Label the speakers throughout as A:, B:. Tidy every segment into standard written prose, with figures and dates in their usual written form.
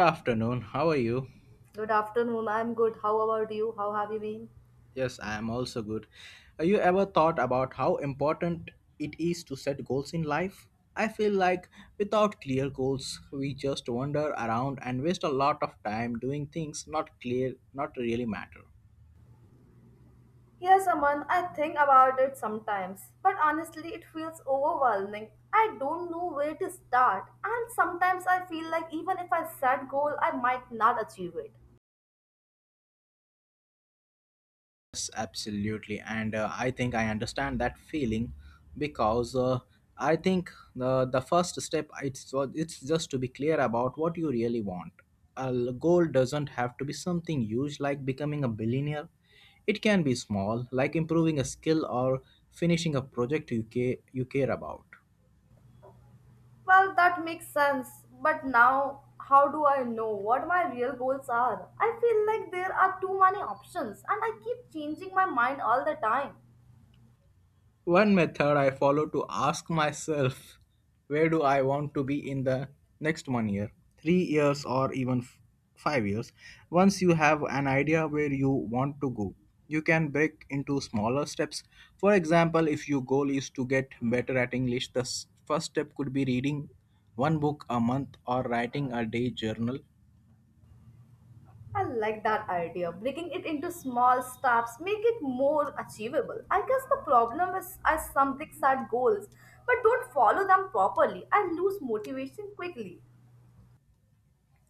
A: Afternoon, how are you?
B: Good afternoon. I'm good. How about you? How have you been?
A: Yes, I am also good. Have you ever thought about how important it is to set goals in life? I feel like without clear goals we just wander around and waste a lot of time doing things not clear, not really matter.
B: Yes, Aman, I think about it sometimes, but honestly, it feels overwhelming. I don't know where to start, and sometimes I feel like even if I set goal, I might not achieve it.
A: Yes, absolutely. And I think I understand that feeling because I think the first step it's just to be clear about what you really want. A goal doesn't have to be something huge like becoming a billionaire. It can be small, like improving a skill or finishing a project you care about.
B: Well, that makes sense, but now how do I know what my real goals are? I feel like there are too many options, and I keep changing my mind all the time.
A: One method I follow to ask myself, where do I want to be in the next one year, 3 years, or even 5 years. Once you have an idea where you want to go, you can break into smaller steps. For example, if your goal is to get better at English, the first step could be reading one book a month or writing a day journal.
B: I like that idea. Breaking it into small steps make it more achievable. I guess the problem is I something set goals but don't follow them properly. I lose motivation quickly.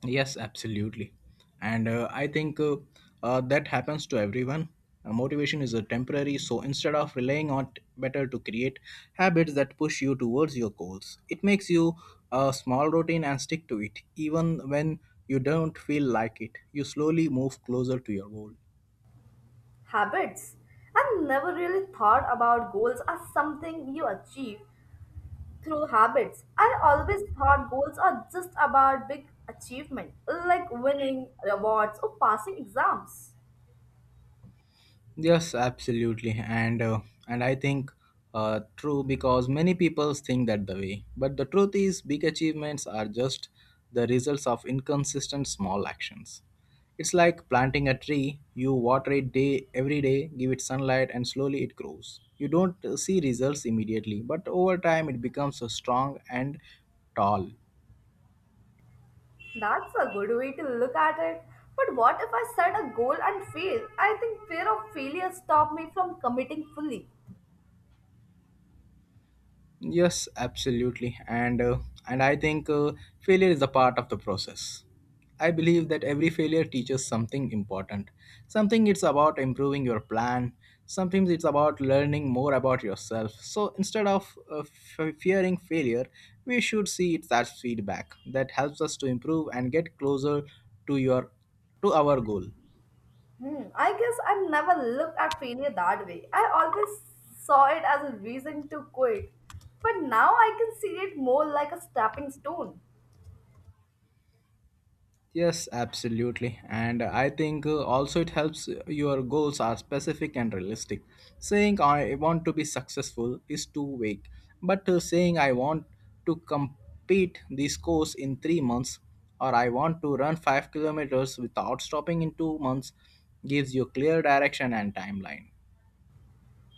A: Yes, absolutely. And I think that happens to everyone. Motivation is a temporary, so instead of relying on it, better to create habits that push you towards your goals. It makes you a small routine and stick to it, even when you don't feel like it. You slowly move closer to your goal.
B: Habits. I never really thought about goals as something you achieve through habits. I always thought goals are just about big achievement like winning rewards or passing exams.
A: Yes, absolutely, and I think true because many people think that the way. But the truth is, big achievements are just the results of inconsistent small actions. It's like planting a tree. You water it day every day, give it sunlight, and slowly it grows. You don't see results immediately, but over time it becomes strong and tall.
B: That's a good way to look at it. But what if I set a goal and fail? I think fear of failure stopped me from committing fully.
A: Yes, absolutely. And I think failure is a part of the process. I believe that every failure teaches something important. Something it's about improving your plan. Sometimes it's about learning more about yourself. So instead of fearing failure, we should see it as feedback that helps us to improve and get closer to your to our goal.
B: Hmm, I guess I never looked at failure that way. I always saw it as a reason to quit. But now I can see it more like a stepping stone.
A: Yes, absolutely. And I think also it helps your goals are specific and realistic. Saying I want to be successful is too vague, but saying I want to complete this course in 3 months or I want to run 5 kilometers without stopping in 2 months gives you clear direction and timeline.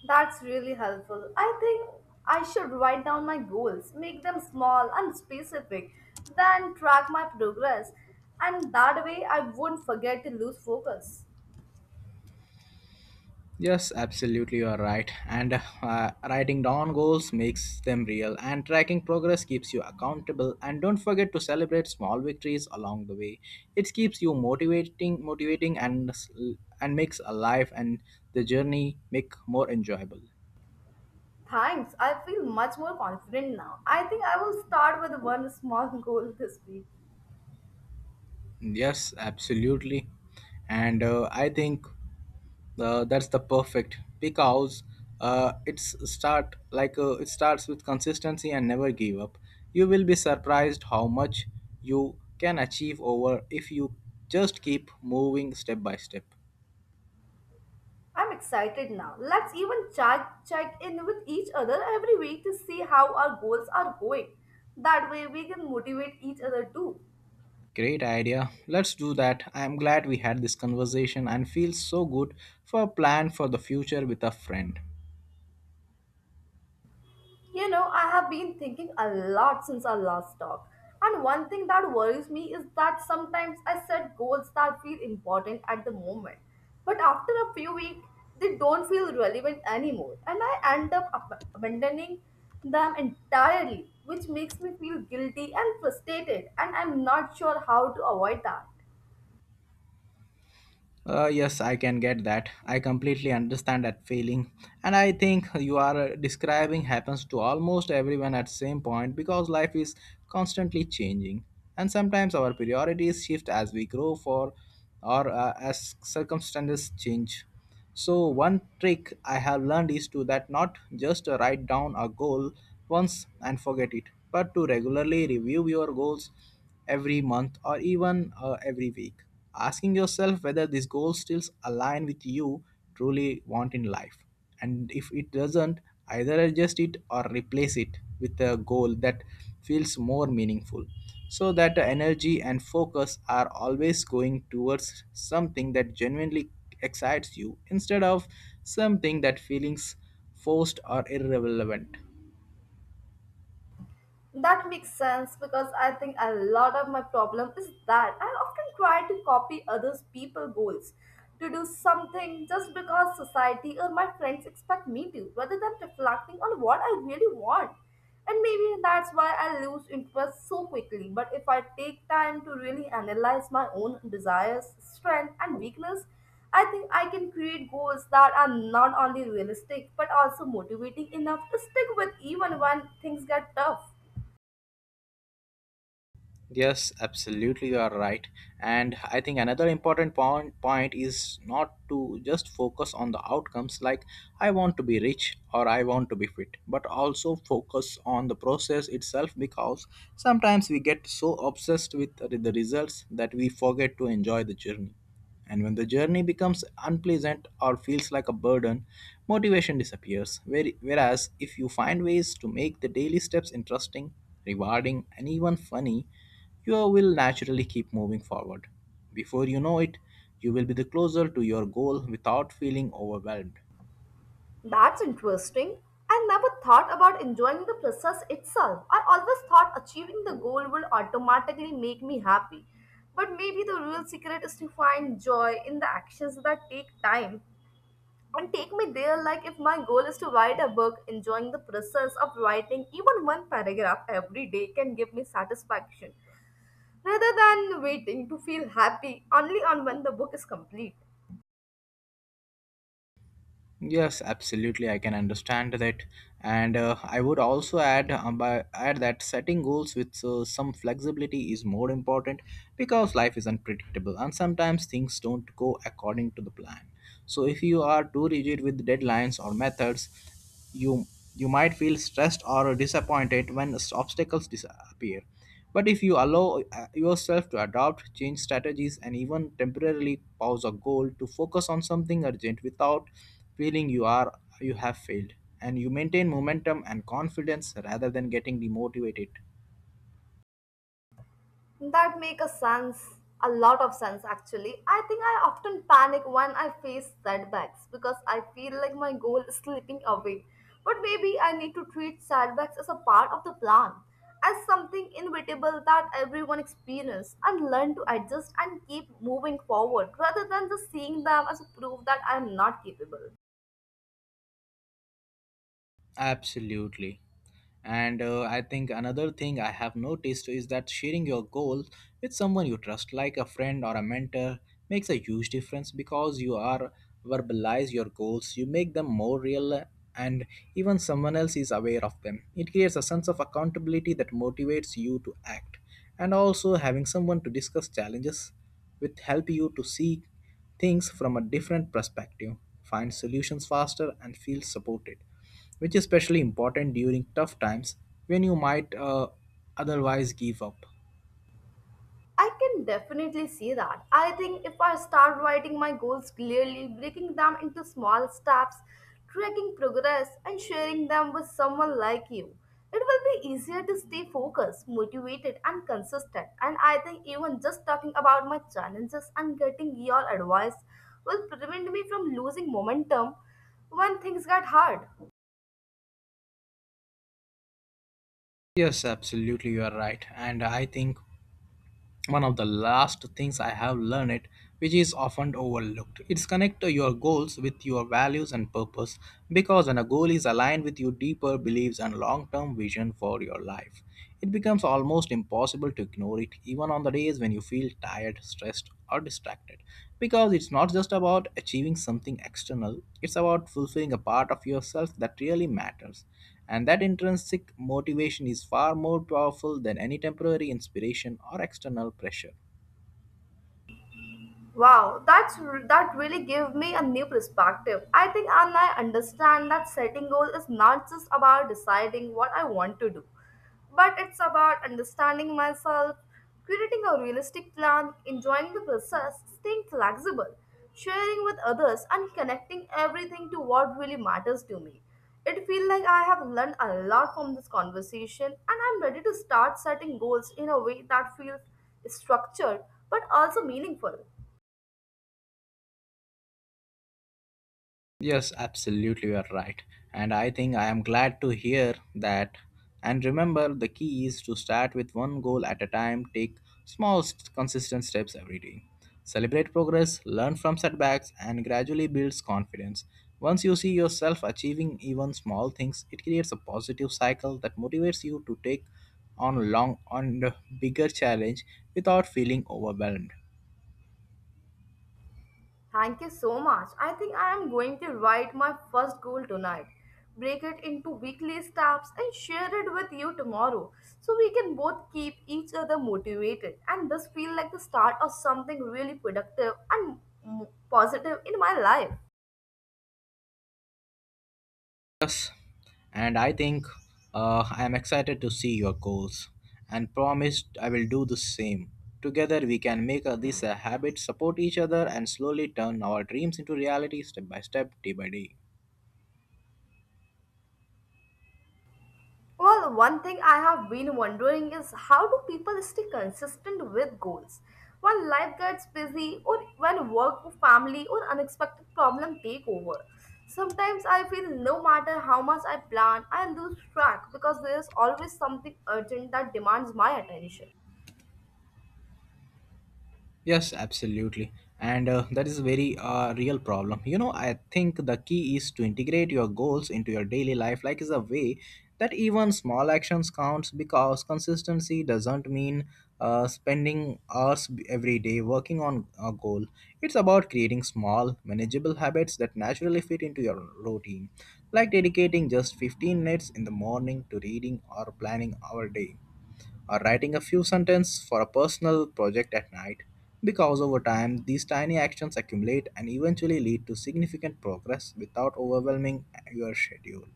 B: That's really helpful. I think I should write down my goals, make them small and specific, then track my progress, and that way I won't forget to lose focus.
A: Yes, absolutely, you are right. And Writing down goals makes them real, and tracking progress keeps you accountable. And don't forget to celebrate small victories along the way. It keeps you motivating, and makes a life and the journey make more enjoyable.
B: Thanks. I feel much more confident now. I think I will start with one small goal this week.
A: Yes, absolutely. And I think that's the perfect because it starts with consistency and never give up. You will be surprised how much you can achieve over if you just keep moving step by step.
B: I'm excited now. Let's even check in with each other every week to see how our goals are going. That way we can motivate each other too.
A: Great idea. Let's do that. I am glad we had this conversation and feels so good for a plan for the future with a friend.
B: You know, I have been thinking a lot since our last talk. And one thing that worries me is that sometimes I set goals that feel important at the moment. But after a few weeks, they don't feel relevant anymore. And I end up abandoning them entirely, which makes me feel guilty and frustrated. And I'm not sure how to avoid that.
A: Yes, I can get that. I completely understand that feeling. And I think you are describing happens to almost everyone at same point because life is constantly changing. And sometimes our priorities shift as we grow for or as circumstances change. So one trick I have learned is to that not just to write down a goal once and forget it, but to regularly review your goals every month or even every week, asking yourself whether this goal still align with you truly want in life. And if it doesn't, either adjust it or replace it with a goal that feels more meaningful so that the energy and focus are always going towards something that genuinely excites you instead of something that feelings forced or irrelevant.
B: That makes sense because I think a lot of my problem is that I often try to copy others' people goals to do something just because society or my friends expect me to, rather than reflecting on what I really want. And maybe that's why I lose interest so quickly. But if I take time to really analyze my own desires, strength, and weakness, I think I can create goals that are not only realistic but also motivating enough to stick with even when things get tough.
A: Yes, absolutely, you are right. And I think another important point is not to just focus on the outcomes like I want to be rich or I want to be fit, but also focus on the process itself because sometimes we get so obsessed with the results that we forget to enjoy the journey. And when the journey becomes unpleasant or feels like a burden, motivation disappears. Whereas, if you find ways to make the daily steps interesting, rewarding, and even funny, you will naturally keep moving forward. Before you know it, you will be the closer to your goal without feeling overwhelmed.
B: That's interesting. I never thought about enjoying the process itself. I always thought achieving the goal would automatically make me happy. But maybe the real secret is to find joy in the actions that take time and take me there. Like if my goal is to write a book, enjoying the process of writing even one paragraph every day can give me satisfaction rather than waiting to feel happy only on when the book is complete.
A: Yes, absolutely. I can understand that, and I would also add by add that setting goals with some flexibility is more important because life is unpredictable and sometimes things don't go according to the plan. So if you are too rigid with deadlines or methods, you you might feel stressed or disappointed when obstacles disappear. But if you allow yourself to adopt change strategies and even temporarily pause a goal to focus on something urgent without feeling you have failed, and you maintain momentum and confidence rather than getting demotivated.
B: That make a sense, a lot of sense actually. I think I often panic when I face setbacks because I feel like my goal is slipping away. But maybe I need to treat setbacks as a part of the plan, as something inevitable that everyone experiences and learn to adjust and keep moving forward rather than just seeing them as a proof that I am not capable.
A: Absolutely. And I think another thing I have noticed is that sharing your goal with someone you trust, like a friend or a mentor, makes a huge difference because you are verbalize your goals, you make them more real, and even someone else is aware of them. It creates a sense of accountability that motivates you to act, and also having someone to discuss challenges with help you to see things from a different perspective, find solutions faster, and feel supported, which is especially important during tough times when you might otherwise give up.
B: I can definitely see that. I think if I start writing my goals clearly, breaking them into small steps, tracking progress, and sharing them with someone like you, it will be easier to stay focused, motivated, and consistent. And I think even just talking about my challenges and getting your advice will prevent me from losing momentum when things get hard.
A: Yes, absolutely, you are right. And I think one of the last things I have learned it, which is often overlooked, it's connect your goals with your values and purpose, because when a goal is aligned with your deeper beliefs and long-term vision for your life, it becomes almost impossible to ignore it even on the days when you feel tired, stressed or distracted, because it's not just about achieving something external, it's about fulfilling a part of yourself that really matters, and that intrinsic motivation is far more powerful than any temporary inspiration or external pressure.
B: Wow, that really gave me a new perspective. I think and I understand that setting goal is not just about deciding what I want to do, but it's about understanding myself, creating a realistic plan, enjoying the process, staying flexible, sharing with others, and connecting everything to what really matters to me. It feels like I have learned a lot from this conversation, and I'm ready to start setting goals in a way that feels structured but also meaningful.
A: Yes, absolutely, you are right. And I think I am glad to hear that. And remember, the key is to start with one goal at a time, take small, consistent steps every day. Celebrate progress, learn from setbacks, and gradually builds confidence. Once you see yourself achieving even small things, it creates a positive cycle that motivates you to take on the bigger challenge without feeling overwhelmed.
B: Thank you so much. I think I am going to write my first goal tonight, break it into weekly steps, and share it with you tomorrow so we can both keep each other motivated. And this feel like the start of something really productive and positive in my life.
A: Yes, and I think I am excited to see your goals and promised I will do the same. Together we can make this a habit, support each other and slowly turn our dreams into reality step by step, day by day.
B: Well, one thing I have been wondering is how do people stay consistent with goals when life gets busy or when work, family, or unexpected problem take over? Sometimes I feel no matter how much I plan, I lose track because there is always something urgent that demands my attention.
A: Yes, absolutely. And That is a very real problem. You know, I think the key is to integrate your goals into your daily life like is a way that even small actions counts because consistency doesn't mean spending hours every day working on a goal. It's about creating small, manageable habits that naturally fit into your routine, like dedicating just 15 minutes in the morning to reading or planning our day or writing a few sentences for a personal project at night. Because over time, these tiny actions accumulate and eventually lead to significant progress without overwhelming your schedule.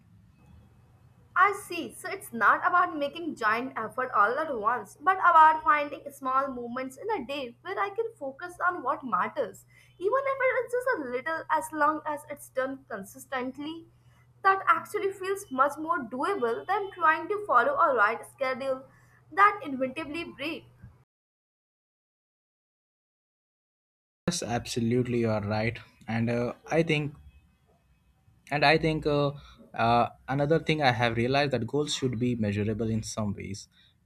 B: I see. So it's not about making giant effort all at once, but about finding small moments in a day where I can focus on what matters. Even if it's just a little, as long as it's done consistently, that actually feels much more doable than trying to follow a right schedule that inevitably breaks.
A: Yes, absolutely, you are right. And I think and I think another thing I have realized that goals should be measurable in some ways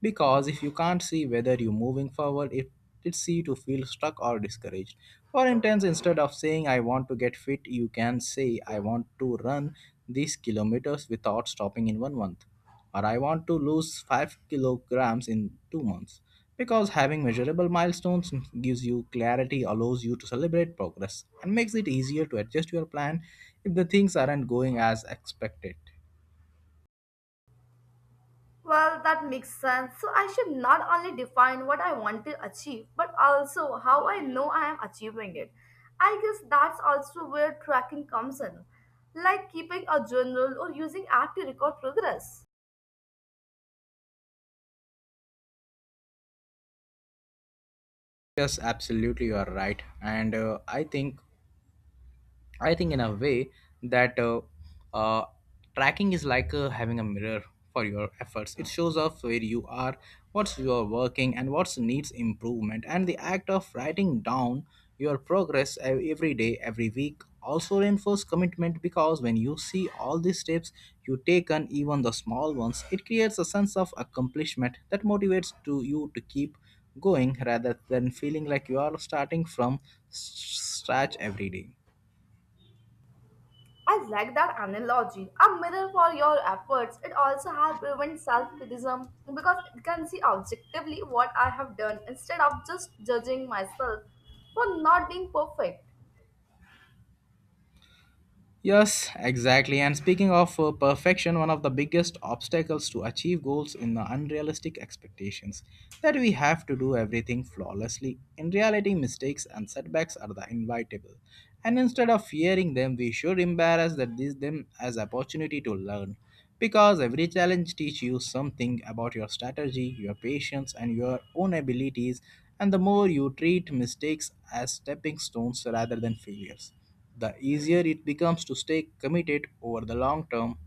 A: because if you can't see whether you're moving forward, it's easy to feel stuck or discouraged. For instance, instead of saying I want to get fit, you can say I want to run these kilometers without stopping in one month or I want to lose 5 kilograms in 2 months. Because having measurable milestones gives you clarity, allows you to celebrate progress, and makes it easier to adjust your plan if the things aren't going as expected.
B: Well, that makes sense. So I should not only define what I want to achieve, but also how I know I am achieving it. I guess that's also where tracking comes in, like keeping a journal or using app to record progress.
A: Yes, absolutely, you are right. And I think in a way that uh, tracking is like having a mirror for your efforts. It shows off where you are, what's you're working, and what needs improvement. And the act of writing down your progress every day, every week, also reinforces commitment because when you see all the steps you take and even the small ones, it creates a sense of accomplishment that motivates to you to keep going rather than feeling like you are starting from s- scratch every day.
B: I like that analogy. A mirror for your efforts. It also helps prevent self-criticism because it can see objectively what I have done instead of just judging myself for not being perfect.
A: Yes, exactly. And speaking of perfection, one of the biggest obstacles to achieve goals in the unrealistic expectations that we have to do everything flawlessly. In reality, mistakes and setbacks are the inevitable, and instead of fearing them, we should embrace that these them as opportunity to learn, because every challenge teaches you something about your strategy, your patience, and your own abilities. And the more you treat mistakes as stepping stones rather than failures, the easier it becomes to stay committed over the long term.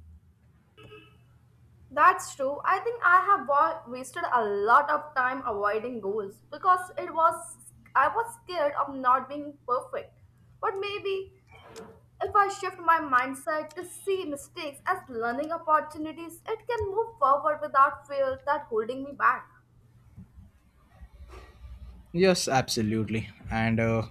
B: That's true. I think I have wasted a lot of time avoiding goals because it was I was scared of not being perfect. But maybe if I shift my mindset to see mistakes as learning opportunities, it can move forward without fear that holding me back.
A: Yes, absolutely. And uh,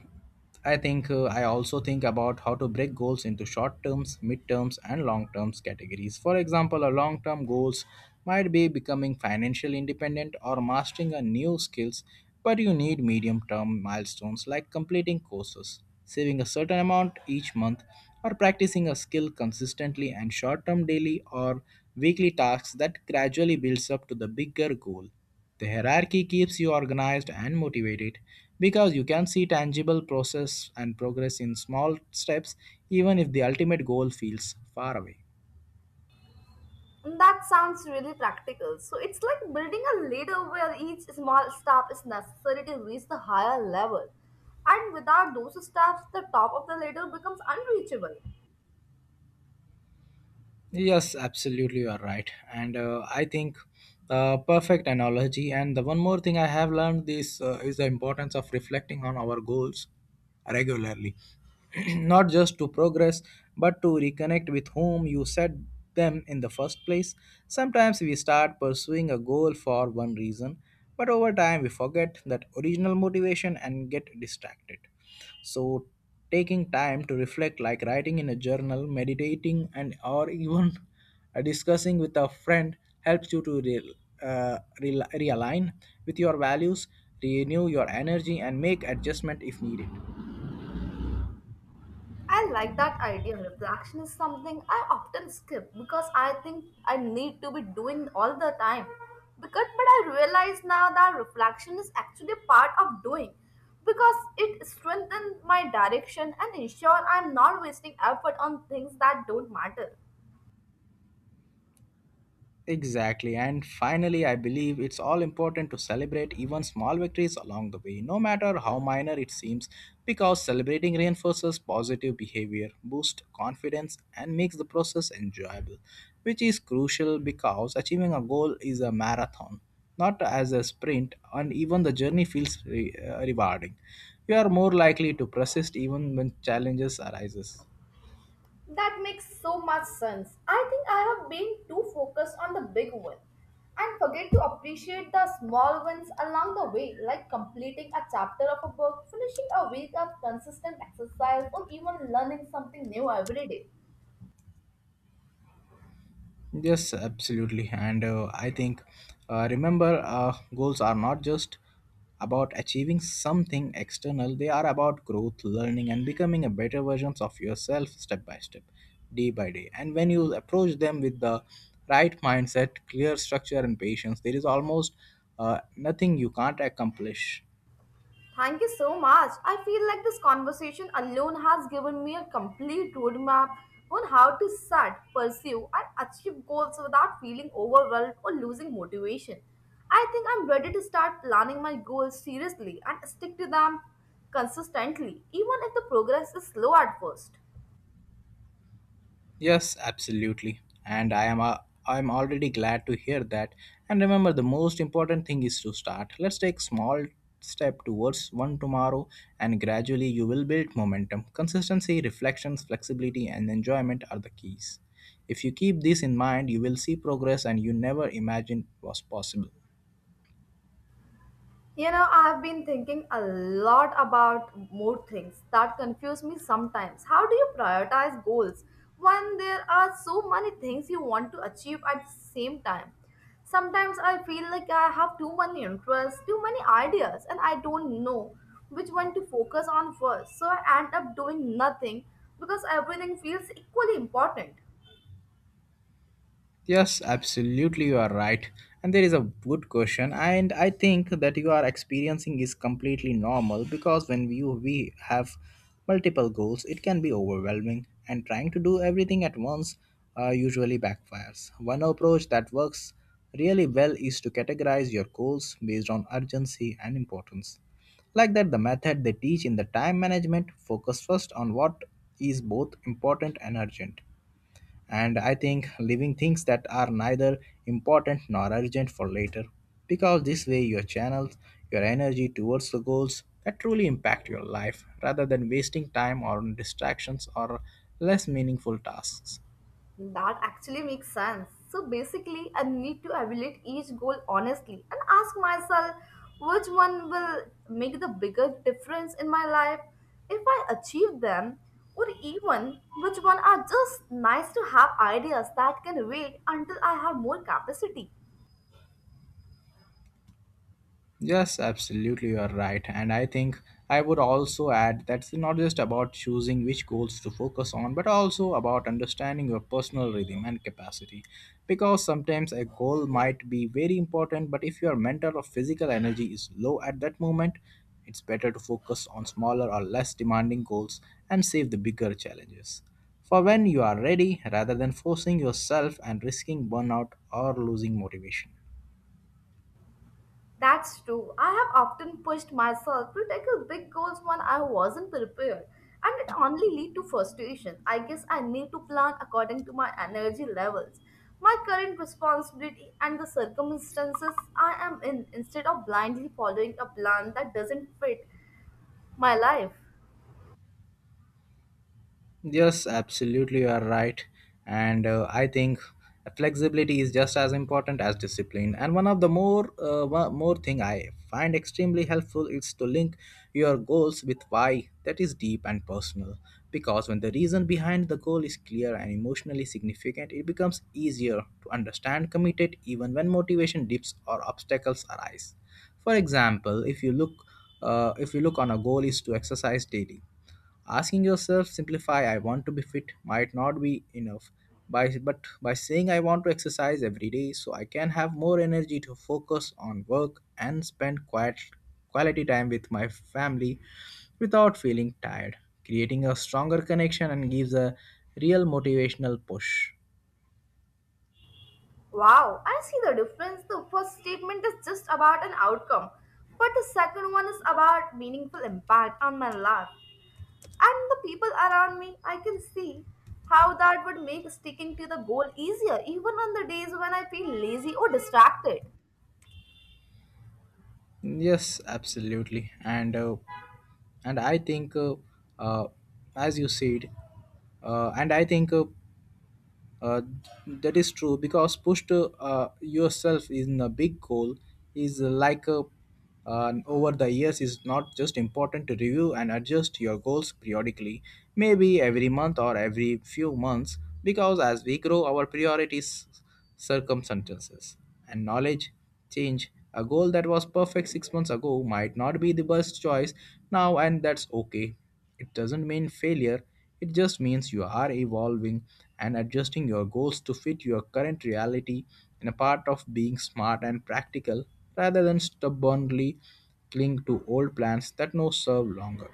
A: I think uh, I also think about how to break goals into short terms, mid terms, and long terms categories. For example, a long term goals might be becoming financially independent or mastering a new skills, but you need medium term milestones like completing courses, saving a certain amount each month, or practicing a skill consistently, and short term daily or weekly tasks that gradually builds up to the bigger goal. The hierarchy keeps you organized and motivated because you can see tangible process and progress in small steps, even if the ultimate goal feels far away.
B: And that sounds really practical. So it's like building a ladder where each small step is necessary to reach the higher level. And without those steps, the top of the ladder becomes unreachable.
A: Yes, absolutely, you are right. And I think, perfect analogy. And the one more thing I have learned this, is the importance of reflecting on our goals regularly, not just to progress, but to reconnect with whom you set them in the first place. Sometimes we start pursuing a goal for one reason, but over time we forget that original motivation and get distracted. So, taking time to reflect like writing in a journal, meditating and or even discussing with a friend, helps you to realign with your values, renew your energy and make adjustment if needed.
B: I like that idea. Reflection is something I often skip because I think I need to be doing all the time. Because, but I realize now that reflection is actually part of doing because it strengthens my direction and ensure I'm not wasting effort on things that don't matter.
A: Exactly. And finally, I believe it's all important to celebrate even small victories along the way, no matter how minor it seems, because celebrating reinforces positive behavior, boosts confidence, and makes the process enjoyable, which is crucial because achieving a goal is a marathon, not as a sprint, and even the journey feels rewarding. You are more likely to persist even when challenges arises.
B: That makes so much sense. I think I have been too focused on the big one and forget to appreciate the small ones along the way, like completing a chapter of a book, finishing a week of consistent exercise, or even learning something new every day.
A: Yes, absolutely. And I think, remember, goals are not just about achieving something external, they are about growth, learning, and becoming a better versions of yourself step by step, day by day. And when you approach them with the right mindset, clear structure, and patience, there is almost nothing you can't accomplish.
B: Thank you so much. I feel like this conversation alone has given me a complete roadmap on how to set, pursue, and achieve goals without feeling overwhelmed or losing motivation. I think I'm ready to start planning my goals seriously and stick to them consistently, even if the progress is slow at first.
A: Yes, absolutely. And I'm already glad to hear that. And remember, the most important thing is to start. Let's take small step towards one tomorrow, and gradually you will build momentum. Consistency, reflections, flexibility and enjoyment are the keys. If you keep this in mind, you will see progress and you never imagined was possible.
B: You know, I have been thinking a lot about more things that confuse me sometimes. How do you prioritize goals when there are so many things you want to achieve at the same time? Sometimes I feel like I have too many interests, too many ideas, and I don't know which one to focus on first. So I end up doing nothing because everything feels equally important.
A: Yes, absolutely, you are right. And there is a good question, and I think that you are experiencing is completely normal, because when we have multiple goals, it can be overwhelming, and trying to do everything at once usually backfires. One approach that works really well is to categorize your goals based on urgency and importance. Like that, the method they teach in the time management, focus first on what is both important and urgent, and I think leaving things that are neither important nor urgent for later, because this way you channel your energy towards the goals that truly impact your life rather than wasting time on distractions or less meaningful tasks.
B: That actually makes sense. So basically, I need to evaluate each goal honestly and ask myself which one will make the bigger difference in my life if I achieve them, or even which one are just nice to have ideas that can wait until I have more capacity.
A: Yes, absolutely, you are right. And I think I would also add that it's not just about choosing which goals to focus on, but also about understanding your personal rhythm and capacity. Because sometimes a goal might be very important, but if your mental or physical energy is low at that moment, it's better to focus on smaller or less demanding goals and save the bigger challenges for when you are ready rather than forcing yourself and risking burnout or losing motivation.
B: That's true. I have often pushed myself to tackle big goals when I wasn't prepared, and it only lead to frustration. I guess I need to plan according to my energy levels, my current responsibility, and the circumstances I am in instead of blindly following a plan that doesn't fit my life.
A: Yes, absolutely, you are right. And I think flexibility is just as important as discipline. And one more thing I find extremely helpful is to link your goals with why that is deep and personal. Because when the reason behind the goal is clear and emotionally significant, it becomes easier to understand, commit it, even when motivation dips or obstacles arise. For example, if you look on a goal is to exercise daily. Asking yourself, simplify, I want to be fit, might not be enough. But by saying I want to exercise every day so I can have more energy to focus on work and spend quiet, quality time with my family without feeling tired, creating a stronger connection and gives a real motivational push.
B: Wow, I see the difference. The first statement is just about an outcome, but the second one is about meaningful impact on my life. And the people around me, I can see how that would make sticking to the goal easier, even on the days when I feel lazy or distracted.
A: Yes, absolutely. And uh, as you said, and I think Uh, that is true, because push to yourself in a big goal is like a over the years, is not just important to review and adjust your goals periodically, maybe every month or every few months, because as we grow, our priorities, circumstances and knowledge change. A goal that was perfect 6 months ago might not be the best choice now, and that's okay. It doesn't mean failure, it just means you are evolving and adjusting your goals to fit your current reality, and a part of being smart and practical rather than stubbornly cling to old plans that no serve longer.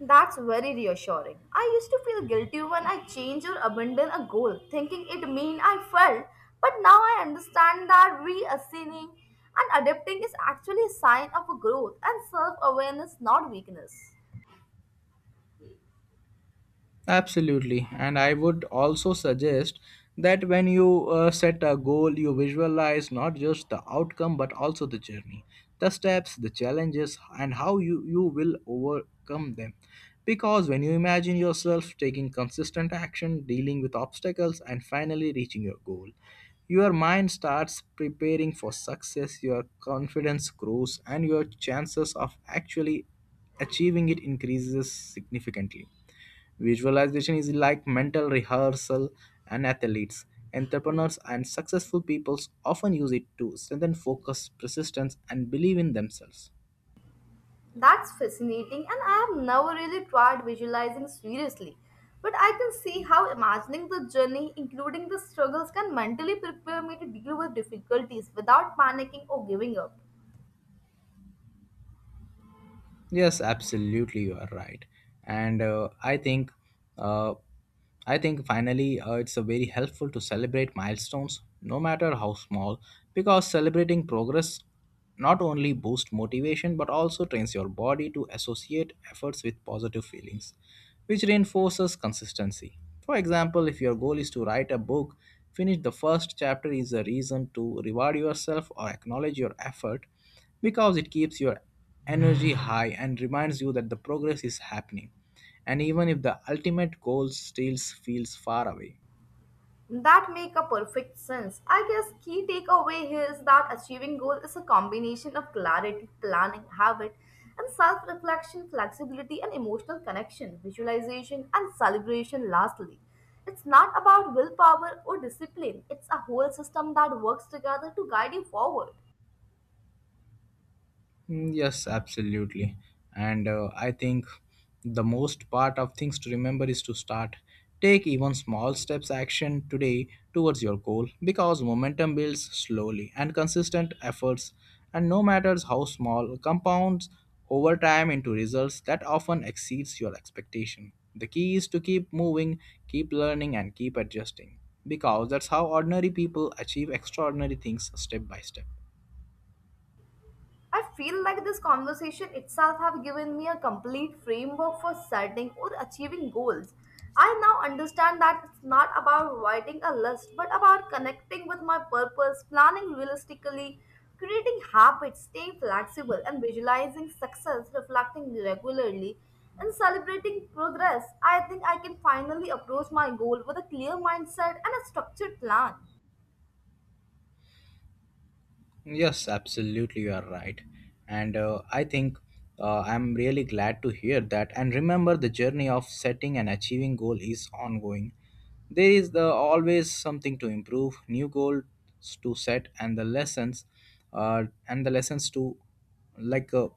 B: That's very reassuring. I used to feel guilty when I change or abandon a goal, thinking it mean I failed. But now I understand that reassigning and adapting is actually a sign of growth and self-awareness, not weakness.
A: Absolutely. And I would also suggest that when you set a goal, you visualize not just the outcome but also the journey, the steps, the challenges, and how you will overcome them. Because when you imagine yourself taking consistent action, dealing with obstacles, and finally reaching your goal, your mind starts preparing for success, your confidence grows, and your chances of actually achieving it increases significantly. Visualization is like mental rehearsal, and athletes, entrepreneurs, and successful people often use it to strengthen focus, persistence, and believe in themselves.
B: That's fascinating, and I have never really tried visualizing seriously. But I can see how imagining the journey, including the struggles, can mentally prepare me to deal with difficulties without panicking or giving up.
A: Yes, absolutely, you are right. And uh, I think, uh, I think finally, it's a very helpful to celebrate milestones, no matter how small, because celebrating progress not only boosts motivation but also trains your body to associate efforts with positive feelings, which reinforces consistency. For example, if your goal is to write a book, finish the first chapter is a reason to reward yourself or acknowledge your effort, because it keeps your energy high and reminds you that the progress is happening, and even if the ultimate goal still feels far away.
B: That make a perfect sense. I guess key takeaway is that achieving goal is a combination of clarity, planning, habit, and self-reflection, flexibility, and emotional connection, visualization, and celebration lastly. It's not about willpower or discipline. It's a whole system that works together to guide you forward.
A: Mm. Yes, absolutely. And I think the most part of things to remember is to start. Take even small steps action today towards your goal, because momentum builds slowly and consistent efforts, and no matters how small, compounds over time into results that often exceeds your expectation. The key is to keep moving, keep learning and keep adjusting, because that's how ordinary people achieve extraordinary things step by step.
B: I feel like this conversation itself have given me a complete framework for setting or achieving goals. I now understand that it's not about writing a list, but about connecting with my purpose, planning realistically, creating habits, staying flexible, and visualizing success, reflecting regularly, and celebrating progress. I think I can finally approach my goal with a clear mindset and a structured plan.
A: Yes, absolutely, you are right. And I'm really glad to hear that. And remember, the journey of setting and achieving goal is ongoing. There is the always something to improve, new goals to set, uh, and the lessons to like uh,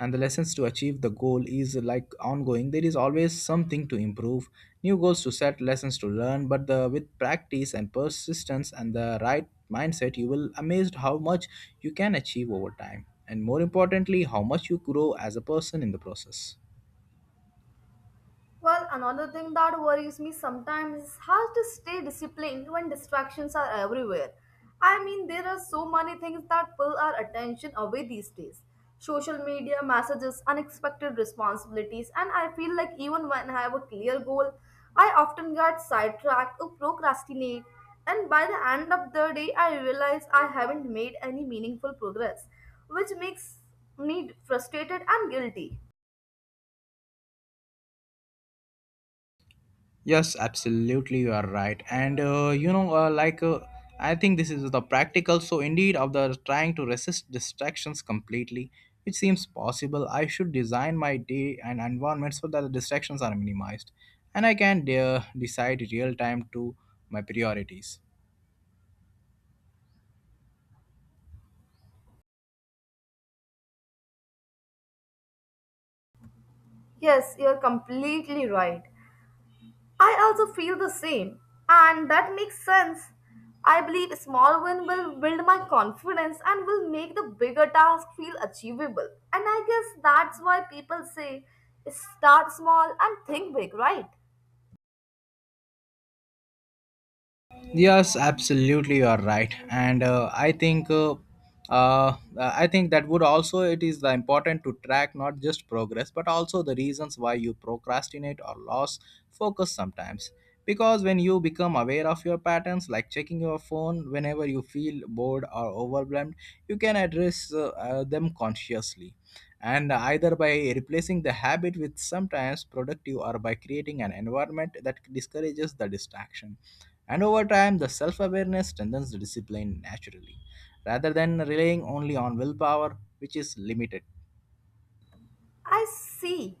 A: and the lessons to achieve the goal is like ongoing, there is always something to improve, new goals to set, lessons to learn, but the with practice and persistence and the right mindset, you will amazed how much you can achieve over time, and more importantly, how much you grow as a person in the process.
B: Well, another thing that worries me sometimes is how to stay disciplined when distractions are everywhere. I mean, there are so many things that pull our attention away these days, social media, messages, unexpected responsibilities, and I feel like even when I have a clear goal, I often get sidetracked or procrastinate. And by the end of the day, I realize I haven't made any meaningful progress, which makes me frustrated and guilty.
A: Yes, absolutely, you are right. And like, I think this is the practical. So indeed, of the trying to resist distractions completely, which seems possible. I should design my day and environment so that the distractions are minimized, and I can decide real time to my priorities.
B: Yes, you're completely right. I also feel the same, and that makes sense. I believe small win will build my confidence and will make the bigger task feel achievable. And I guess that's why people say start small and think big, right?
A: Yes, absolutely, you are right. And I think that would also it is the important to track not just progress but also the reasons why you procrastinate or lose focus sometimes. Because when you become aware of your patterns, like checking your phone whenever you feel bored or overwhelmed, you can address them consciously, and either by replacing the habit with sometimes productive or by creating an environment that discourages the distraction, and over time, the self awareness strengthens the discipline naturally, rather than relying only on willpower, which is limited.
B: I see.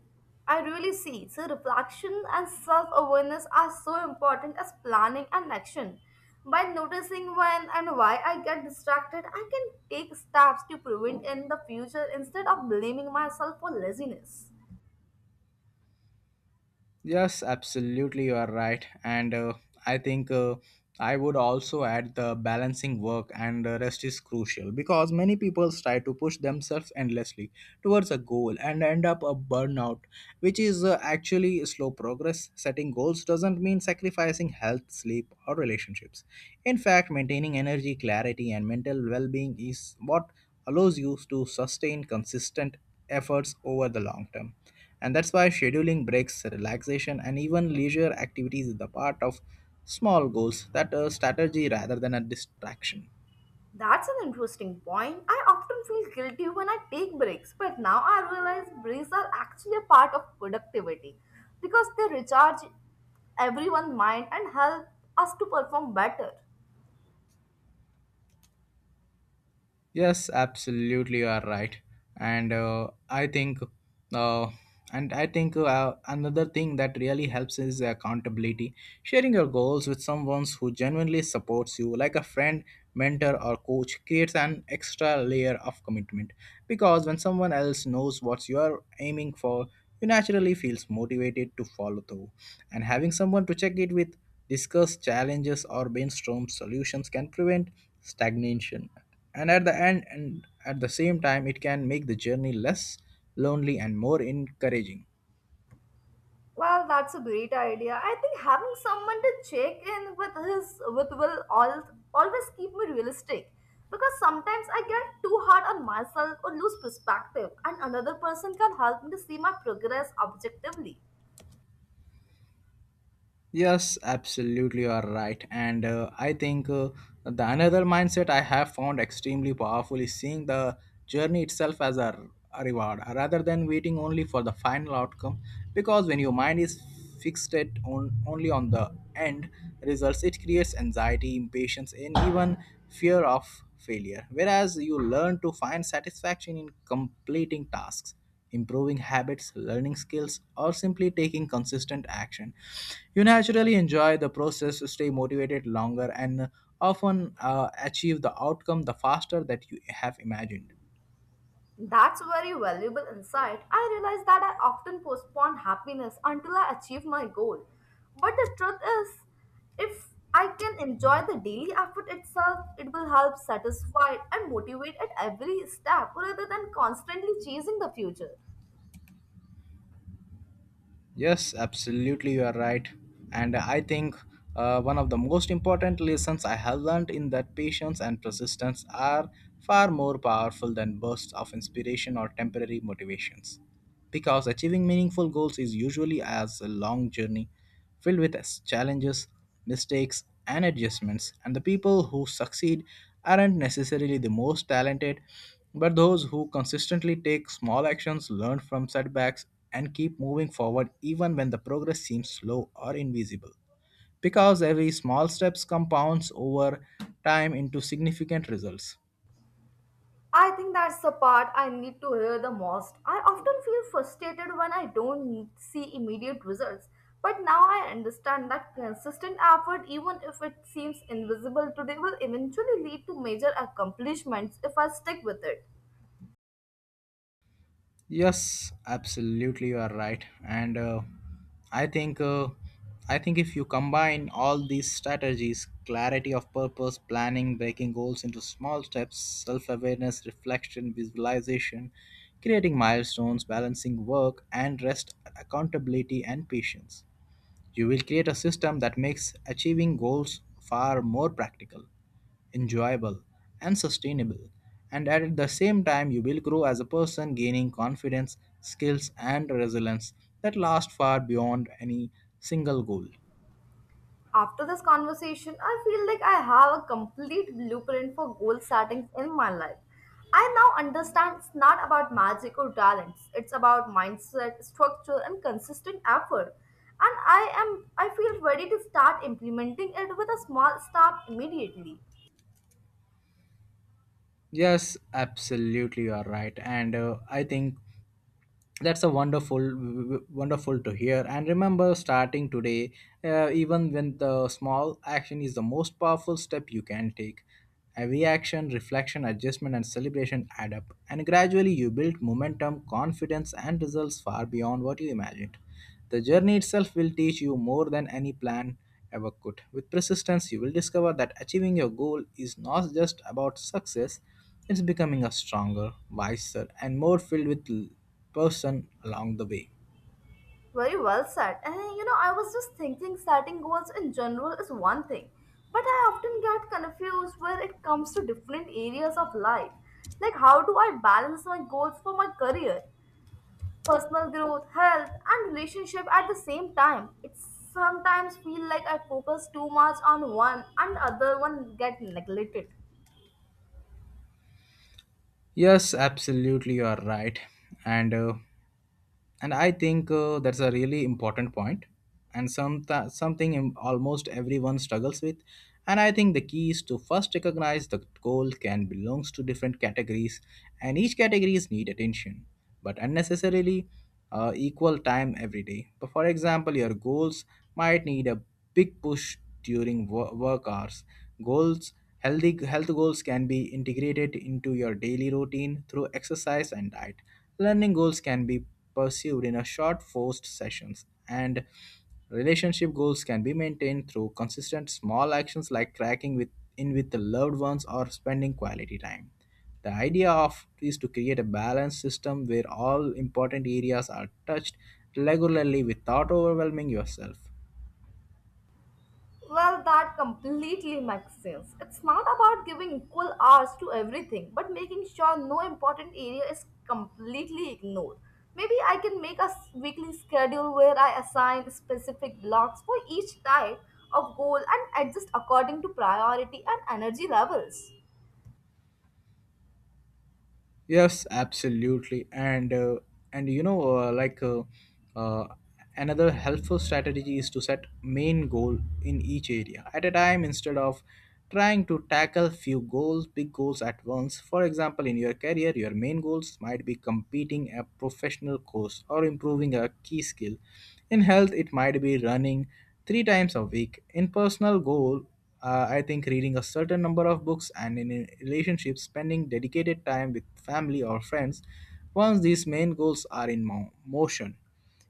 B: I really see. So, reflection and self awareness are so important as planning and action. By noticing when and why I get distracted, I can take steps to prevent in the future instead of blaming myself for laziness.
A: Yes, absolutely, you are right. And I think uh, I would also add the balancing work and rest is crucial, because many people try to push themselves endlessly towards a goal and end up a burnout, which is actually a slow progress. Setting goals doesn't mean sacrificing health, sleep, or relationships. In fact, maintaining energy, clarity, and mental well being is what allows you to sustain consistent efforts over the long term. And that's why scheduling breaks, relaxation, and even leisure activities is the part of small goals that are strategy rather than a distraction.
B: That's an interesting point. I often feel guilty when I take breaks, but now I realize breaks are actually a part of productivity because they recharge everyone's mind and help us to perform better.
A: Yes, absolutely, you are right. And I think, uh, and I think Another thing that really helps is accountability. Sharing your goals with someone who genuinely supports you, like a friend, mentor, or coach, creates an extra layer of commitment. Because when someone else knows what you are aiming for, you naturally feels motivated to follow through. And having someone to check it with, discuss challenges or brainstorm solutions can prevent stagnation. And at the end and at the same time it can make the journey less lonely and more encouraging.
B: Well, that's a great idea. I think having someone to check in with his with will all, always keep me realistic because sometimes I get too hard on myself or lose perspective, and another person can help me to see my progress objectively.
A: Yes, absolutely, you are right. And I think The another mindset I have found extremely powerful is seeing the journey itself as a reward rather than waiting only for the final outcome. Because when your mind is fixated on only on the end results, it creates anxiety, impatience, and even fear of failure. Whereas you learn to find satisfaction in completing tasks improving habits, learning skills, or simply taking consistent action. You naturally enjoy the process, stay motivated longer, and often achieve the outcome the faster that you have imagined.
B: That's very valuable insight. I realize that I often postpone happiness until I achieve my goal. But the truth is, if I can enjoy the daily effort itself, it will help satisfy and motivate at every step rather than constantly chasing the future.
A: Yes, absolutely, you are right. And I think One of the most important lessons I have learned in that patience and persistence are far more powerful than bursts of inspiration or temporary motivations. Because achieving meaningful goals is usually as a long journey filled with challenges, mistakes, and adjustments. And the people who succeed aren't necessarily the most talented, but those who consistently take small actions, learn from setbacks, and keep moving forward even when the progress seems slow or invisible. Because every small steps compounds over time into significant results.
B: I think that's the part I need to hear the most. I often feel frustrated when I don't see immediate results, but now I understand that consistent effort, even if it seems invisible today, will eventually lead to major accomplishments if I stick with it.
A: Yes, absolutely, you are right. And I think uh, I think if you combine all these strategies, clarity of purpose, planning, breaking goals into small steps, self-awareness, reflection, visualization, creating milestones, balancing work and rest, accountability and patience. You will create a system that makes achieving goals far more practical, enjoyable, and sustainable. And at the same time, you will grow as a person, gaining confidence, skills, and resilience that last far beyond any single goal.
B: After this conversation, I feel like I have a complete blueprint for goal settings in my life. I now understand it's not about magic or talents. It's about mindset, structure, and consistent effort. And I feel ready to start implementing it with a small step immediately.
A: Yes, absolutely, you are right. And I think that's a wonderful to hear and remember starting today, even when the small action is the most powerful step you can take, every action reflection adjustment and celebration add up and gradually you build momentum confidence and results far beyond what you imagined. The journey itself will teach you more than any plan ever could. With persistence, you will discover that achieving your goal is not just about success, it's becoming a stronger, wiser, and more filled with person along the way.
B: Very well said. And you know, I was just thinking setting goals in general is one thing, but I often get confused when it comes to different areas of life. Like, how do I balance my goals for my career, personal growth, health, and relationship at the same time? It sometimes feel like I focus too much on one and the other one get neglected.
A: Yes, absolutely, you are right. And uh, and I think That's a really important point and almost everyone struggles with, and I think the key is to first recognize the goal can belongs to different categories and each categories need attention but unnecessarily equal time every day. But for example your goals might need a big push during work hours. Goals healthy health goals can be integrated into your daily routine through exercise and diet. Learning goals can be pursued in a short forced sessions, and relationship goals can be maintained through consistent small actions like cracking with in with the loved ones or spending quality time. The idea of is to create a balanced system where all important areas are touched regularly without overwhelming yourself.
B: Well, that completely makes sense. It's not about giving equal hours to everything, but making sure no important area is completely ignored. Maybe I can make a weekly schedule where I assign specific blocks for each type of goal and adjust according to priority and energy levels.
A: Yes, absolutely. And you know, like uh, Another helpful strategy is to set main goal in each area at a time instead of trying to tackle few goals, big goals at once. For example, in your career, your main goals might be competing a professional course or improving a key skill. In health, it might be running three times a week. In personal goal, I think reading a certain number of books, and in a relationship spending dedicated time with family or friends once these main goals are in motion.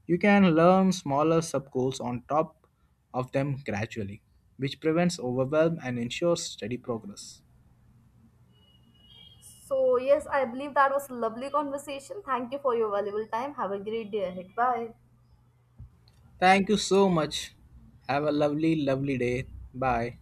A: You can learn smaller sub goals on top of them gradually, which prevents overwhelm and ensures steady progress.
B: So, yes, I believe that was a lovely conversation. Thank you for your valuable time. Have a great day ahead. Bye.
A: Thank you so much. Have a lovely, lovely day. Bye.